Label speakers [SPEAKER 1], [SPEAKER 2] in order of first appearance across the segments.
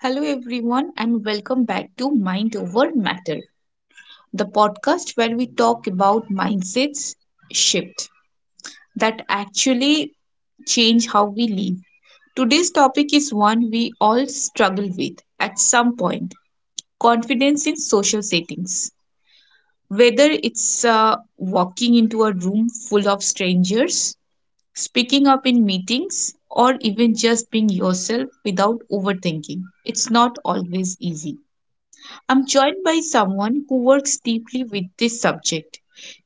[SPEAKER 1] Hello, everyone, and welcome back to Mind Over Matter, the podcast where we talk about mindsets shift that actually change how we live. Today's topic is one we all struggle with at some point: confidence in social settings. Whether it's walking into a room full of strangers, speaking up in meetings, or even just being yourself without overthinking, it's not always easy. I'm joined by someone who works deeply with this subject,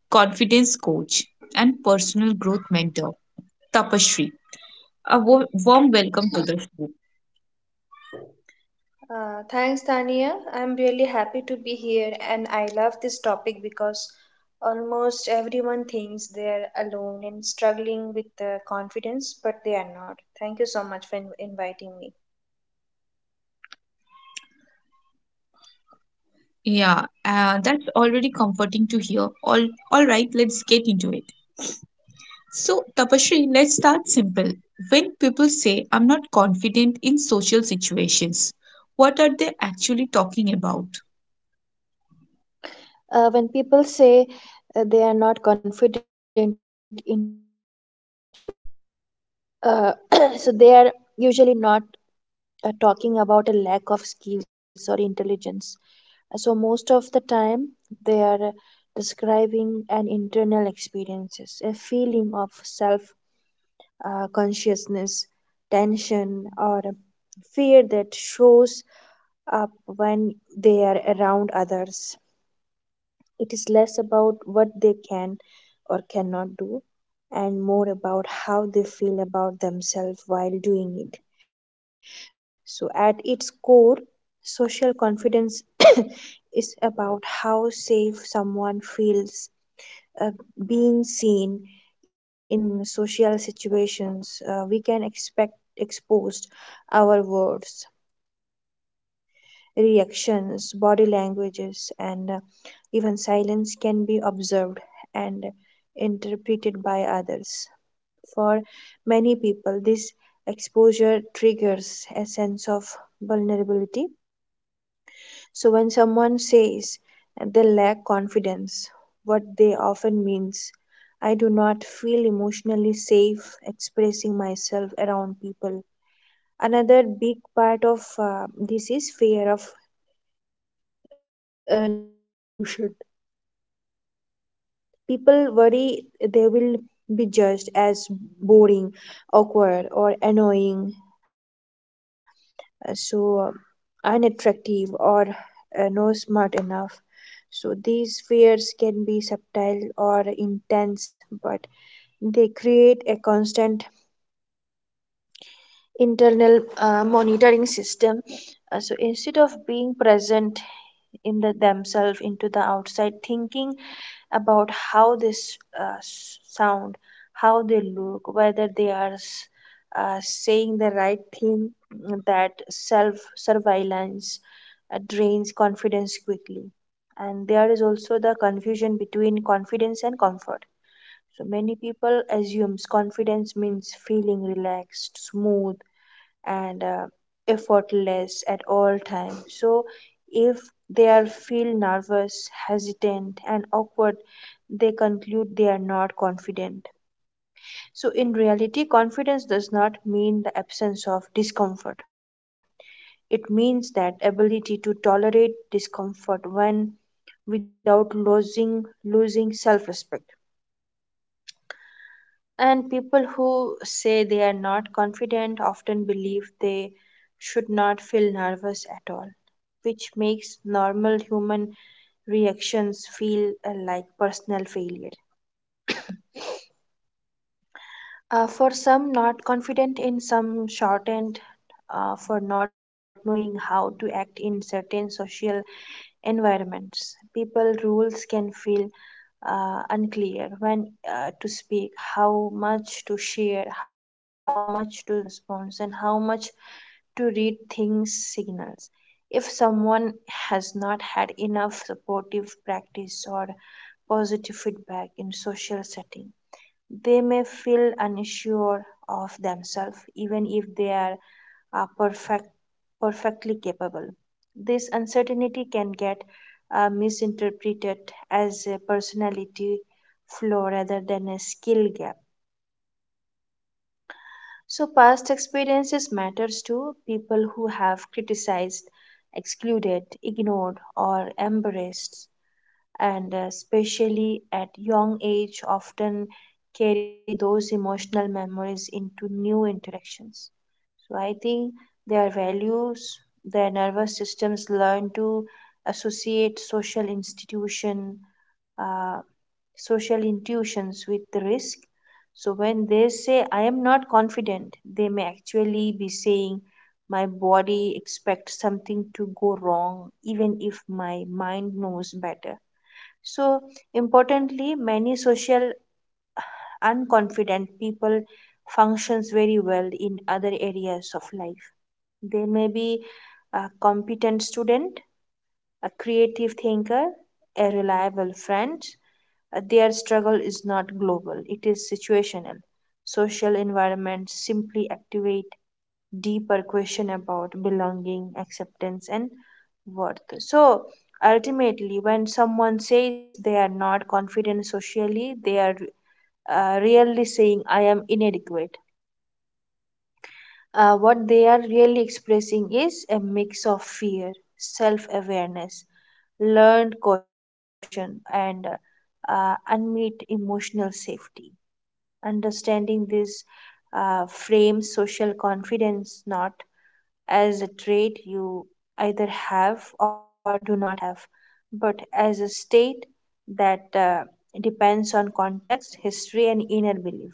[SPEAKER 1] confidence coach and personal growth mentor, Tapashri. A warm welcome to the show.
[SPEAKER 2] Thanks, Tania. I'm really happy to be here, and I love this topic because almost everyone thinks they're alone and struggling with confidence, but they are not. Thank you so much for inviting me.
[SPEAKER 1] Yeah, that's already comforting to hear. All right, let's get into it. So, Tapashri, let's start simple. When people say I'm not confident in social situations, what are they actually talking about?
[SPEAKER 2] When people say they are not confident in social situations, uh, so they are usually not talking about a lack of skills or intelligence. So most of the time they are describing an internal experiences, a feeling of self consciousness, tension, or fear that shows up when they are around others. It is less about what they can or cannot do, and more about how they feel about themselves while doing it. So at its core, social confidence is about how safe someone feels uh, being seen in social situations. We can expect exposed our words, reactions, body languages, and even silence can be observed and interpreted by others. For many people, this exposure triggers a sense of vulnerability. So when someone says they lack confidence, what they often means, I do not feel emotionally safe expressing myself around people. Another big part of this is fear of negative evolution. People worry they will be judged as boring, awkward, or annoying, so unattractive or no smart enough. So these fears can be subtle or intense, but they create a constant internal monitoring system. So instead of being present in the themselves into the outside, thinking about how this sound, how they look, whether they are saying the right thing, that self surveillance drains confidence quickly. And there is also the confusion between confidence and comfort. So many people assumes confidence means feeling relaxed, smooth, and effortless at all times. So if they are feel nervous, hesitant and awkward, they conclude they are not confident. So in reality, confidence does not mean the absence of discomfort. It means that ability to tolerate discomfort when without losing self-respect. And people who say they are not confident often believe they should not feel nervous at all, which makes normal human reactions feel like personal failures. For some, not confident in some, shortened for not knowing how to act in certain social environments. People rules can feel unclear when to speak, how much to share, how much to respond, and how much to read things signals. If someone has not had enough supportive practice or positive feedback in social setting, they may feel unsure of themselves, even if they are uh, perfect, perfectly capable. This uncertainty can get misinterpreted as a personality flaw rather than a skill gap. So past experiences matters too. People who have criticized, excluded, ignored, or embarrassed, and especially at young age, often carry those emotional memories into new interactions. So I think their values, their nervous systems learn to associate uh, social intuitions with the risk. So when they say, I am not confident, they may actually be saying, my body expects something to go wrong, even if my mind knows better. So importantly, many social unconfident people functions very well in other areas of life. They may be a competent student, a creative thinker, a reliable friend. Their struggle is not global, it is situational. Social environments simply activate deeper question about belonging, acceptance, and worth. So ultimately, when someone says they are not confident socially, they are really saying, I am inadequate. What they are really expressing is a mix of fear, self awareness, learned caution, and unmet emotional safety. Understanding this frames social confidence not as a trait you either have or do not have, but as a state that depends on context, history, and inner belief.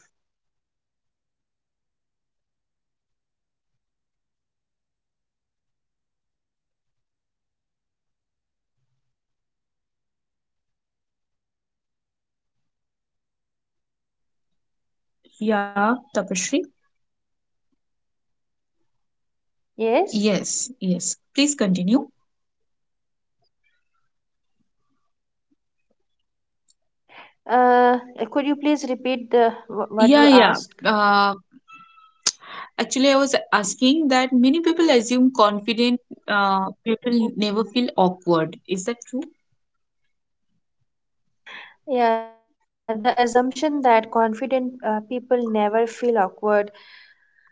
[SPEAKER 1] Yeah, Tapashri.
[SPEAKER 2] Yes.
[SPEAKER 1] Yes, yes. Please continue.
[SPEAKER 2] Uh, could you please repeat the what
[SPEAKER 1] Yeah,
[SPEAKER 2] you
[SPEAKER 1] yeah.
[SPEAKER 2] asked?
[SPEAKER 1] Um, Actually, I was asking that many people assume confident people never feel
[SPEAKER 2] Okay.
[SPEAKER 1] awkward. Is that true?
[SPEAKER 2] Yeah, the assumption that confident people never feel awkward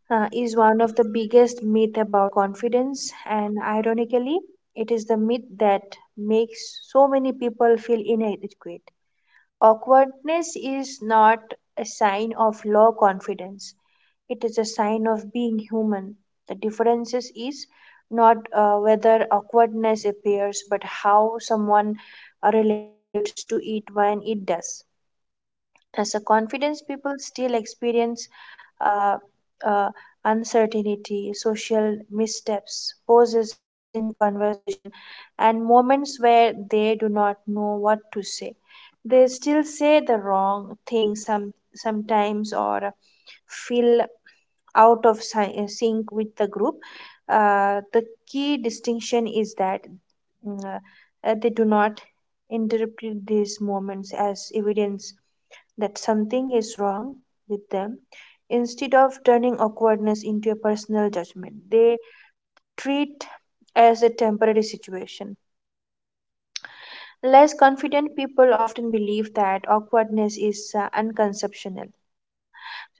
[SPEAKER 2] is one of the biggest myth about confidence, and ironically, it is the myth that makes so many people feel inadequate. Awkwardness is not a sign of low confidence. It is a sign of being human. The differences is not whether awkwardness appears, but how someone relates to it when it does. As a confidence, people still experience uh, uh, uncertainty, social missteps, pauses in conversation, and moments where they do not know what to say. They still say the wrong thing sometimes, or feel out of sync with the group. The key distinction is that mm, they do not interpret these moments as evidence that something is wrong with them. Instead of turning awkwardness into a personal judgment, they treat as a temporary situation. Less confident people often believe that awkwardness is unconceptional.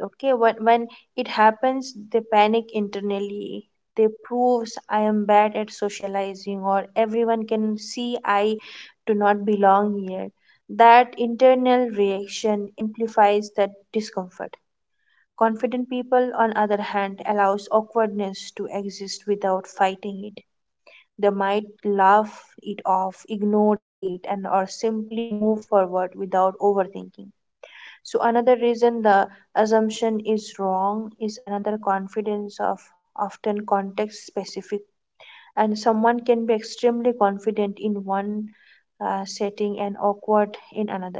[SPEAKER 2] Okay, when it happens, they panic internally. They proves, I am bad at socializing, or everyone can see I do not belong here. That internal reaction amplifies that discomfort. Confident people, on other hand, allows awkwardness to exist without fighting it. They might laugh it off, ignore it, and or simply move forward without overthinking. So another reason the assumption is wrong is another confidence of often context specific, and someone can be extremely confident in one setting and awkward in another.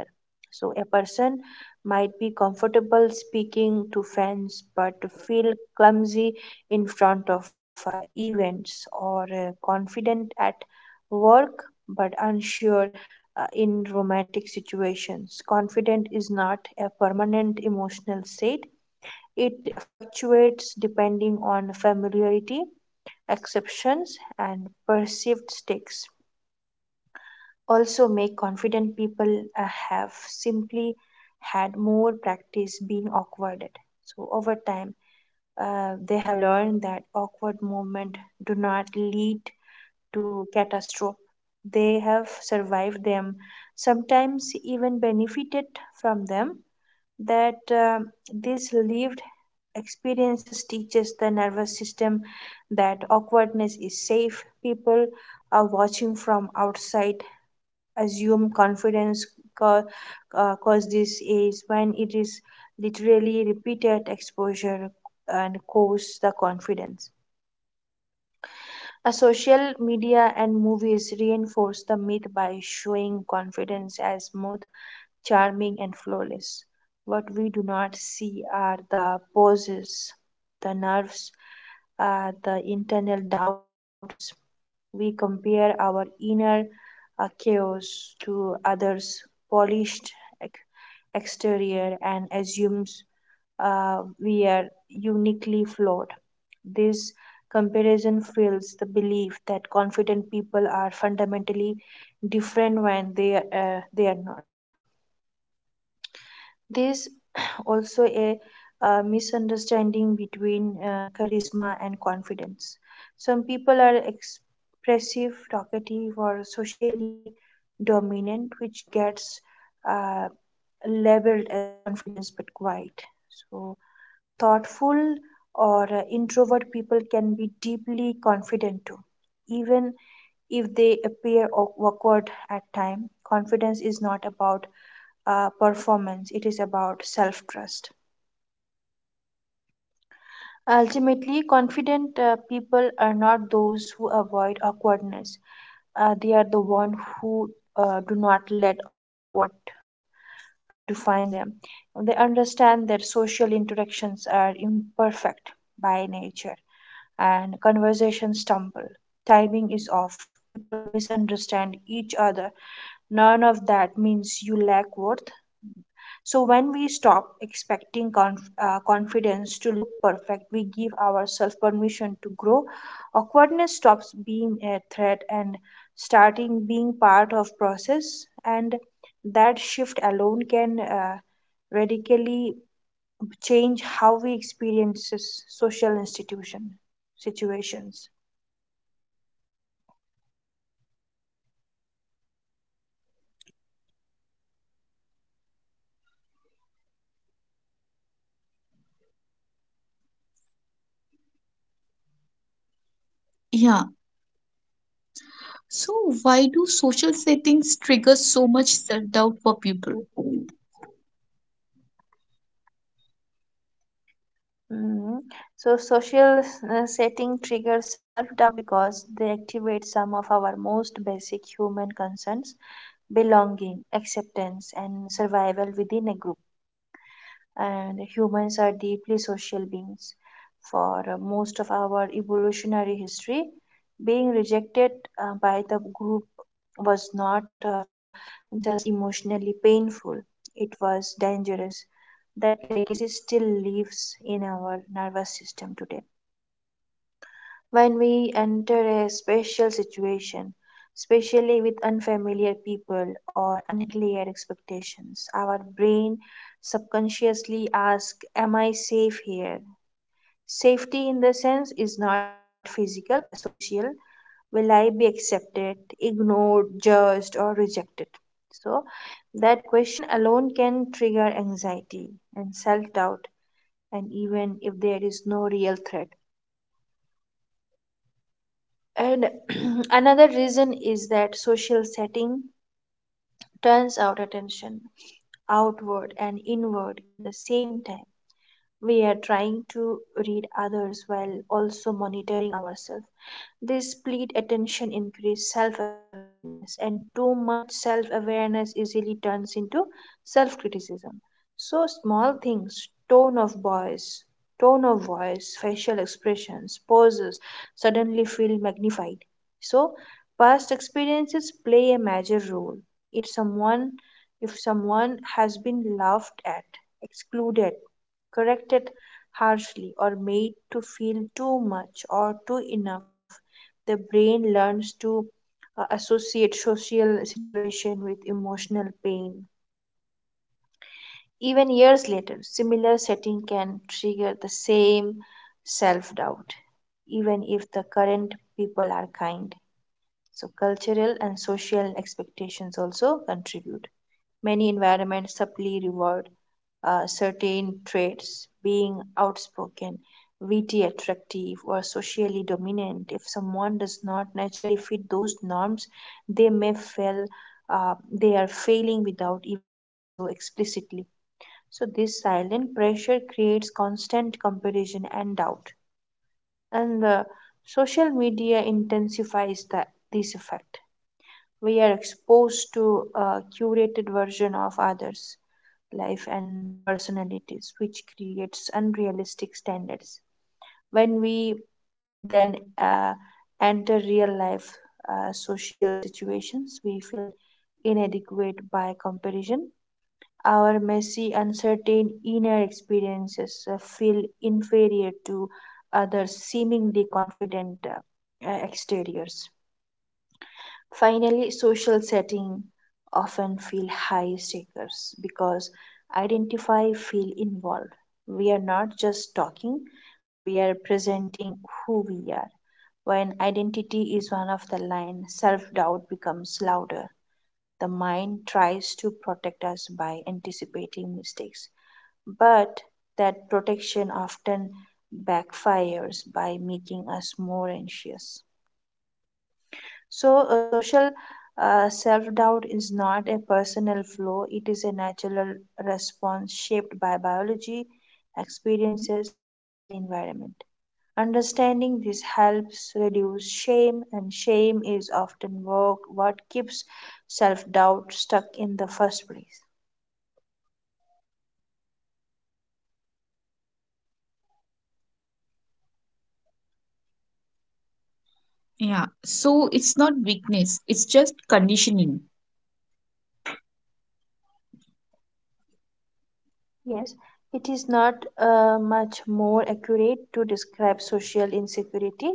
[SPEAKER 2] So, a person might be comfortable speaking to friends but feel clumsy in front of events, or confident at work but unsure in romantic situations. Confident is not a permanent emotional state, it fluctuates depending on familiarity, exceptions, and perceived stakes. Also make confident people have simply had more practice being awkward at. So over time, they have learned that awkward moments do not lead to catastrophe. They have survived them, sometimes even benefited from them. That These lived experiences teaches the nervous system that awkwardness is safe. People are watching from outside assume confidence ca- cause this is when it is literally repeated exposure, and cause the confidence. A social media and movies reinforce the myth by showing confidence as smooth, charming, and flawless. What we do not see are the pauses, the nerves, the internal doubts. We compare our inner chaos to others' polished ex- exterior, and assumes we are uniquely flawed. This comparison fuels the belief that confident people are fundamentally different when they are not. There's also a misunderstanding between charisma and confidence. Some people are expressive, talkative, or socially dominant, which gets uh, labeled as confidence but quiet. So, thoughtful or introvert people can be deeply confident too, even if they appear awkward at time. Confidence is not about performance, it is about self trust. Ultimately, confident people are not those who avoid awkwardness. They are the one who do not let awkward define them. They understand that social interactions are imperfect by nature, and conversations stumble, timing is off, people misunderstand each other. None of that means you lack worth. So when we stop expecting confidence to look perfect, we give ourselves permission to grow. Awkwardness stops being a threat and starting being part of process. And that shift alone can radically change how we experience social institution situations.
[SPEAKER 1] Yeah. So, why do social settings trigger so much self doubt for people?
[SPEAKER 2] Mhm. So, social setting triggers self doubt because they activate some of our most basic human concerns: belonging, acceptance, and survival within a group. And humans are deeply social beings. For most of our evolutionary history, being rejected by the group was not just emotionally painful, it was dangerous. That legacy still lives in our nervous system today. When we enter a special situation, especially with unfamiliar people or unclear expectations, our brain subconsciously asks, am I safe here? Safety, in the sense, is not physical but social. Will I be accepted, ignored, judged, or rejected? So, that question alone can trigger anxiety and self doubt, and even if there is no real threat. And another reason is that social setting turns our attention outward and inward in the same time. We are trying to read others while also monitoring ourselves. This split attention increases self awareness, and too much self awareness easily turns into self criticism. So, small things, tone of voice, facial expressions, poses suddenly feel magnified. So, past experiences play a major role. If someone, if someone has been laughed at, excluded, corrected harshly, or made to feel too much or too enough, the brain learns to associate social situation with emotional pain. Even years later, similar setting can trigger the same self doubt, even if the current people are kind. So, cultural and social expectations also contribute. Many environments subtly reward certain traits, being outspoken, witty, attractive, or socially dominant. If someone does not naturally fit those norms, they may feel they are failing without even being told so explicitly. So, this silent pressure creates constant comparison and doubt. And Social media intensifies this effect. We are exposed to a curated version of others' life and personalities, which creates unrealistic standards. When we then enter real life social situations, we feel inadequate by comparison. Our messy, uncertain inner experiences feel inferior to others' seemingly confident exteriors. Finally, social setting often feel high stakes because identify feel involved. We are not just talking, we are presenting who we are. When identity is one of the line, self-doubt becomes louder. The mind tries to protect us by anticipating mistakes, but that protection often backfires by making us more anxious. So, social self doubt is not a personal flaw, it is a natural response shaped by biology, experiences, and environment. Understanding this helps reduce shame, and shame is often work, what keeps self doubt stuck in the first place.
[SPEAKER 1] Yeah. So, it's not weakness, it's just conditioning.
[SPEAKER 2] Yes, it is not much more accurate to describe social insecurity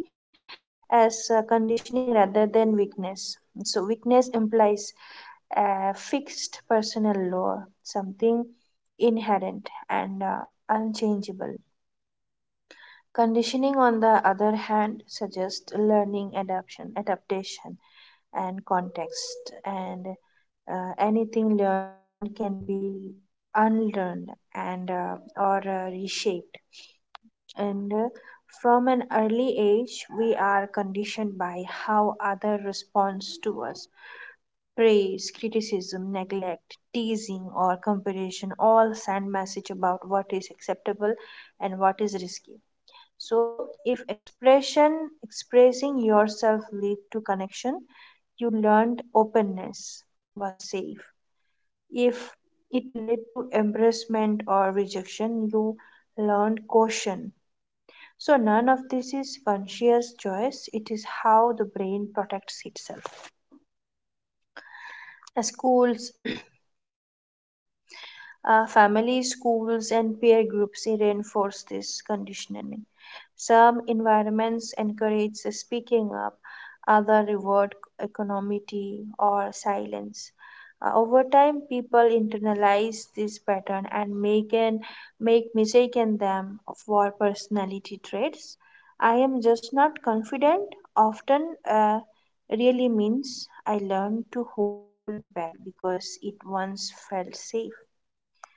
[SPEAKER 2] as conditioning rather than weakness. So, weakness implies a fixed personal law, something inherent and unchangeable. Conditioning, on the other hand, suggests learning, adaptation, and context, and anything learned can be unlearned and or reshaped and from an early age we are conditioned by how others respond to us, praise, criticism, neglect, teasing, or comparison all send message about what is acceptable and what is risky. So if expression expressing yourself lead to connection, you learned openness was safe. If it led to embarrassment or rejection, you learned caution. So none of this is conscious choice. It is how the brain protects itself. Schools Families, schools, and peer groups reinforce this conditioning. Some environments encourage speaking up, others reward equanimity or silence. Over time, people internalize this pattern and make mistaken them for personality traits. I am just not confident. Often, uh, really means I learned to hold back because it once felt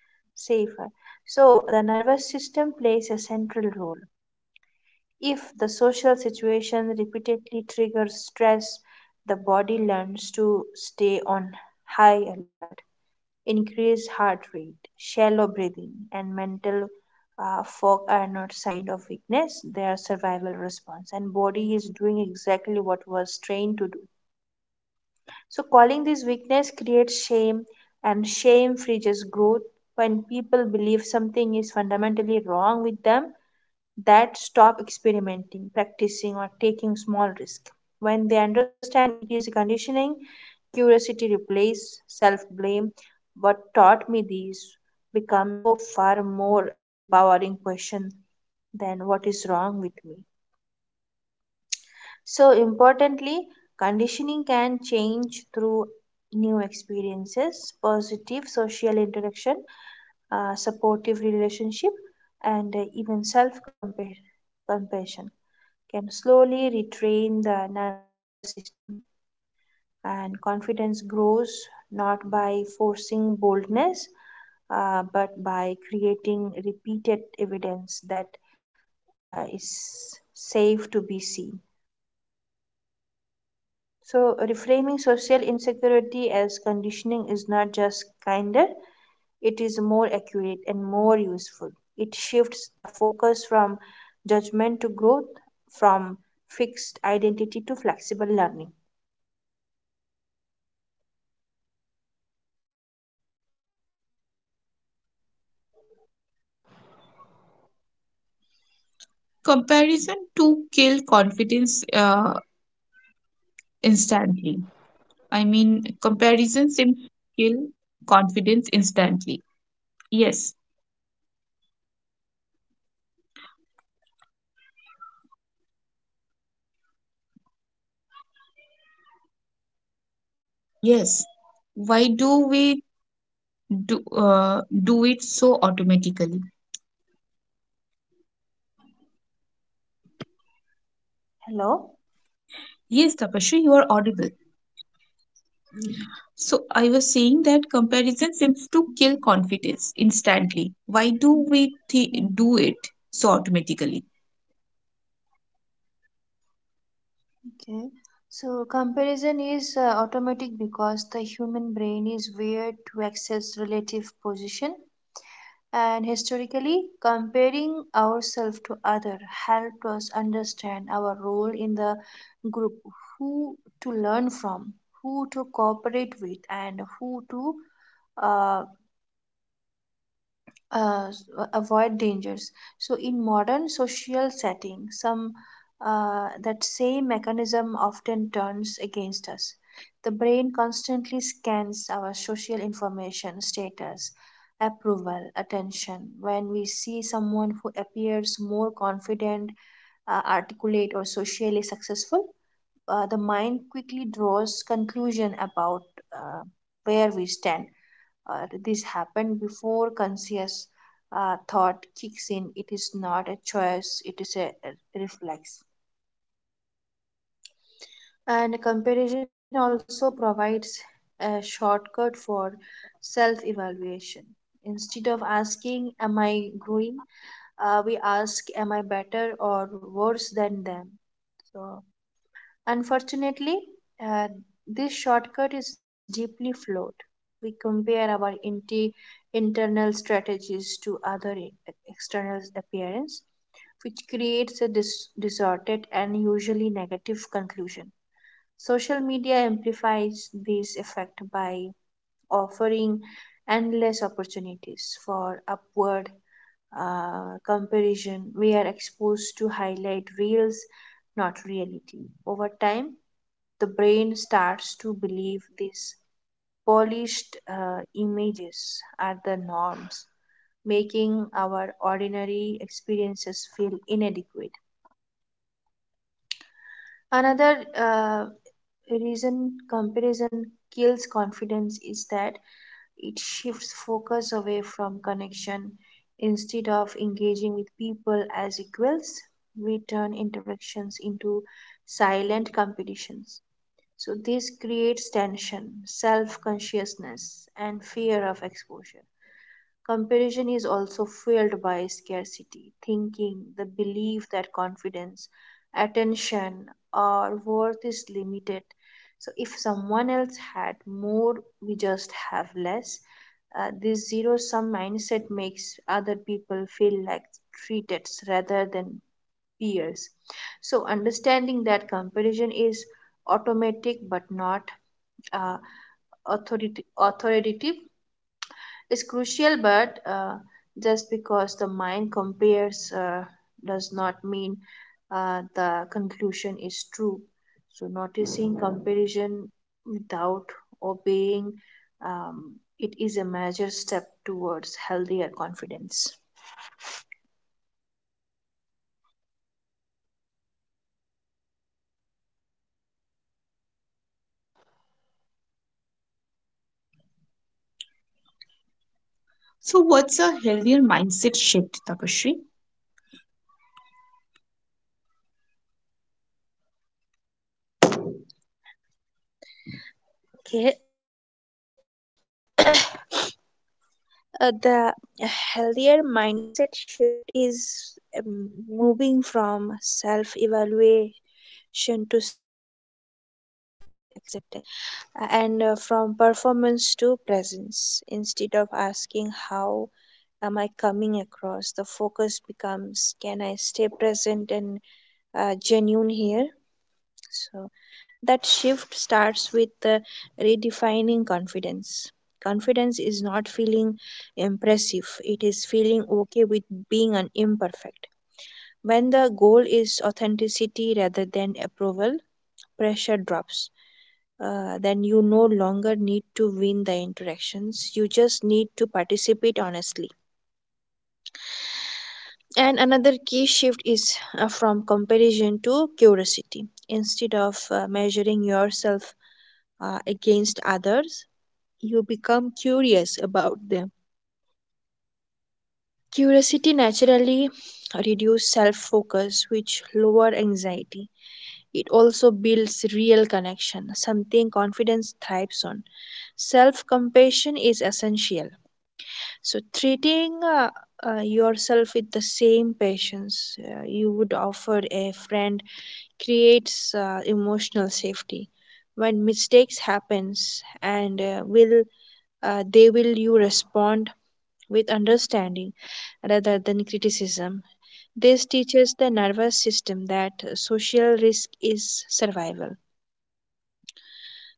[SPEAKER 2] safer. So, the nervous system plays a central role. If the social situation repeatedly triggers stress, the body learns to stay on high alert. Increased heart rate, shallow breathing, and mental fog are not signs of weakness, they are survival response. And body is doing exactly what was trained to do. So, calling this weakness creates shame, and shame freezes growth. When people believe something is fundamentally wrong with them, that stop experimenting, practicing, or taking small risk. When they understand it is conditioning, curiosity replaces self blame. What taught me this becomes a so far more empowering question than what is wrong with me. So, importantly, conditioning can change through new experiences, positive social interaction, supportive relationship, and even self compassion can slowly retrain the nervous system. And confidence grows not by forcing boldness, but by creating repeated evidence that is safe to be seen. So, reframing social insecurity as conditioning is not just kinder, it is more accurate and more useful. It shifts the focus from judgment to growth, from fixed identity to flexible learning.
[SPEAKER 1] Comparison to kill confidence instantly. I mean, comparison seems to kill
[SPEAKER 2] Tania?
[SPEAKER 1] confidence instantly. Yes, yes.
[SPEAKER 2] Tania?
[SPEAKER 1] Why do we do it so automatically?
[SPEAKER 2] Hello?
[SPEAKER 1] Yes, Tapasri, you are audible.
[SPEAKER 2] Mm.
[SPEAKER 1] So I was saying that comparison seems to kill confidence instantly. Why do we do it so automatically?
[SPEAKER 2] Okay. So comparison is automatic because the human brain is wired to access relative position, and historically comparing ourselves to other helped us understand our role in the group, who to learn from, who to cooperate with, and who to uh, uh, avoid dangers. So, in modern social setting, some that same mechanism often turns against us. The brain constantly scans our social information, status, approval, attention. When we see someone who appears more confident, articulate, or socially successful, the mind quickly draws conclusion about uh, where we stand or this happened before conscious thought kicks in. It is not a choice, it is a reflex. And comparison also provides a shortcut for self evaluation. Instead of asking, am I growing? We ask, am I better or worse than them? So, unfortunately, uh, this shortcut is deeply flawed. We compare our internal strategies to external appearance, which creates a distorted and usually negative conclusion. Social media amplifies this effect by offering endless opportunities for upward comparison. We are exposed to highlight reels, not reality. Over time, the brain starts to believe these polished images are the norms, making our ordinary experiences feel inadequate. Another reason comparison kills confidence is that it shifts focus away from connection. Instead of engaging with people as equals, we turn interactions into silent competitions. So this creates tension, self-consciousness, and fear of exposure. Comparison is also fueled by scarcity, thinking, the belief that confidence, attention, or worth is limited. So, if someone else had more, we just have less. This zero sum mindset makes other people feel like treated rather than years. So, understanding that comparison is automatic but not uh, authoritative is crucial, but just because the mind compares does not mean the conclusion is true. So, noticing comparison without obeying um, it is a major step towards healthier confidence.
[SPEAKER 1] So what's a healthier mindset shift, Tapasri?
[SPEAKER 2] Okay, the healthier mindset shift is moving from self evaluation to self acceptance, and from performance to presence. Instead of asking, how am I coming across? The focus becomes, can I stay present and genuine here? So that shift starts with the redefining confidence. Confidence is not feeling impressive, it is feeling okay with being an imperfect. When the goal is authenticity rather than approval, pressure drops. Then you no longer need to win the interactions, you just need to participate honestly. And another key shift is from comparison to curiosity. Instead of measuring yourself against others, you become curious about them. Curiosity naturally reduces self focus, which lower anxiety. It also builds real connection, something confidence thrives on. Self compassion is essential. So, treating yourself with the same patience you would offer a friend creates emotional safety. When mistakes happens, and will they will, you respond with understanding rather than criticism. This teaches the nervous system that social risk is survival.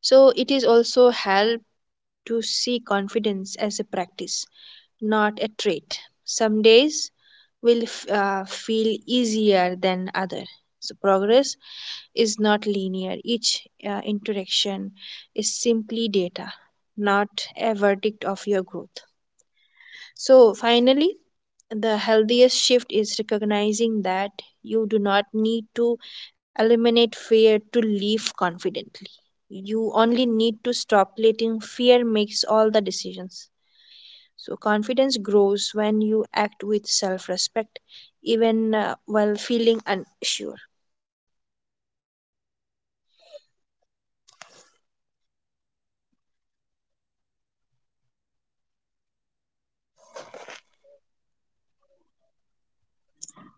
[SPEAKER 2] So it is also help to see confidence as a practice, not a trait. Some days will feel easier than other. So progress is not linear. Each interaction is simply data, not a verdict of your growth. So finally, the healthiest shift is recognizing that you do not need to eliminate fear to live confidently. You only need to stop letting fear makes all the decisions. So confidence grows when you act with self-respect even while feeling unsure.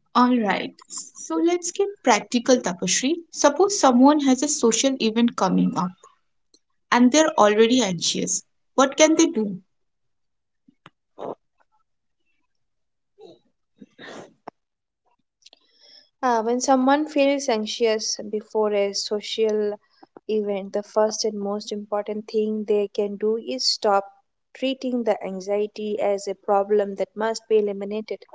[SPEAKER 1] Alright, so let's get practical, Tapashri. Suppose someone has a social event coming up and they're already anxious. What can they do?
[SPEAKER 2] When someone feels anxious before a social event, the first and most important thing they can do is stop treating the anxiety as a problem that must be eliminated.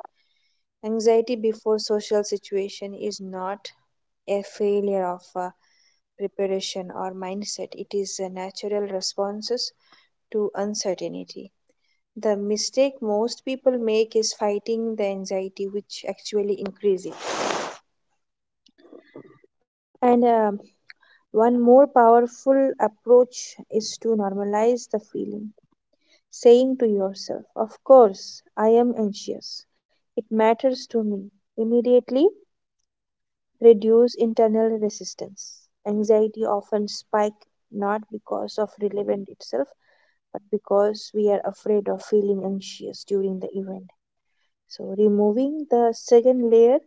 [SPEAKER 2] Anxiety before social situation is not a failure of preparation or mindset. It is a natural responses to uncertainty. The mistake most people make is fighting the anxiety, which actually increases it. And One more powerful approach is to normalize the feeling, saying to yourself, of course, I am anxious. It matters to me. Immediately reduce internal resistance. Anxiety often spikes not because of relevant itself, but because we are afraid of feeling anxious during the event. So removing the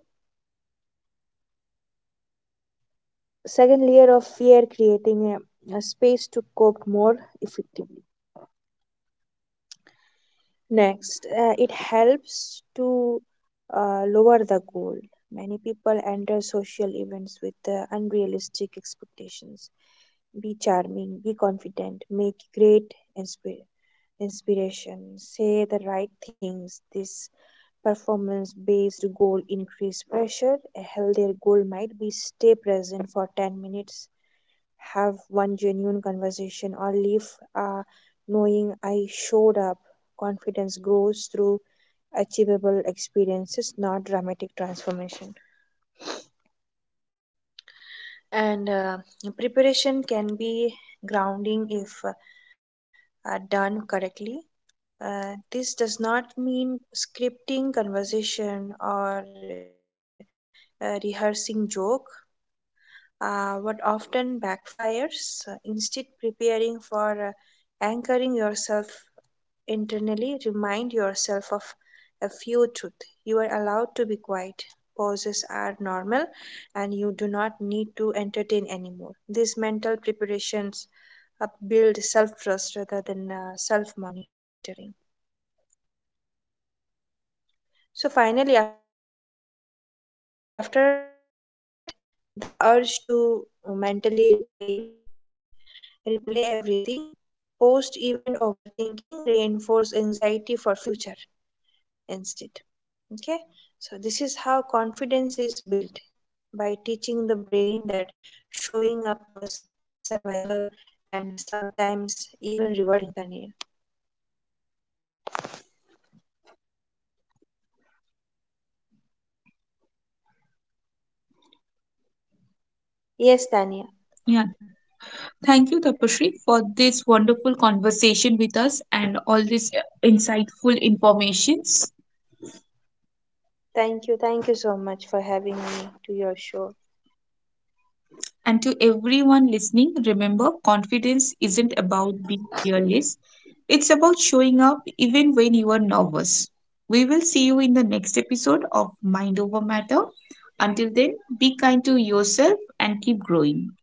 [SPEAKER 2] second layer of fear, creating a space to cope more effectively. Next, it helps to lower the goal. Many people enter social events with unrealistic expectations. Be charming, be confident, make great inspiration, say the right things. This performance based goal increase pressure. A healthier goal might be stay present for 10 minutes, have one genuine conversation, or leave uh, knowing I showed up. Confidence grows through achievable experiences, not dramatic transformation. And Preparation can be grounding if are done correctly. This does not mean scripting conversation or rehearsing joke, what often backfires. Instead, preparing for anchoring yourself internally, remind yourself of a few truths. You are allowed to be quiet. Pauses are normal and you do not need to entertain anymore. These mental preparations build self trust rather than self monitoring. So, finally, after the event, avoid the urge to replay everything. Post event overthinking reinforce anxiety for future instead. Okay, so this is how confidence is built, by teaching the brain that showing up was survival and sometimes even rewarding. Tanya? Yes, Tanya?
[SPEAKER 1] Yeah, thank you, Tapashri, for this wonderful conversation with us and all this insightful informations.
[SPEAKER 2] Thank you. Thank you so much for having me to your show.
[SPEAKER 1] And to everyone listening, remember confidence isn't about being fearless. It's about showing up even when you are nervous. We will see you in the next episode of Mind Over Matter. Until then, be kind to yourself and keep growing.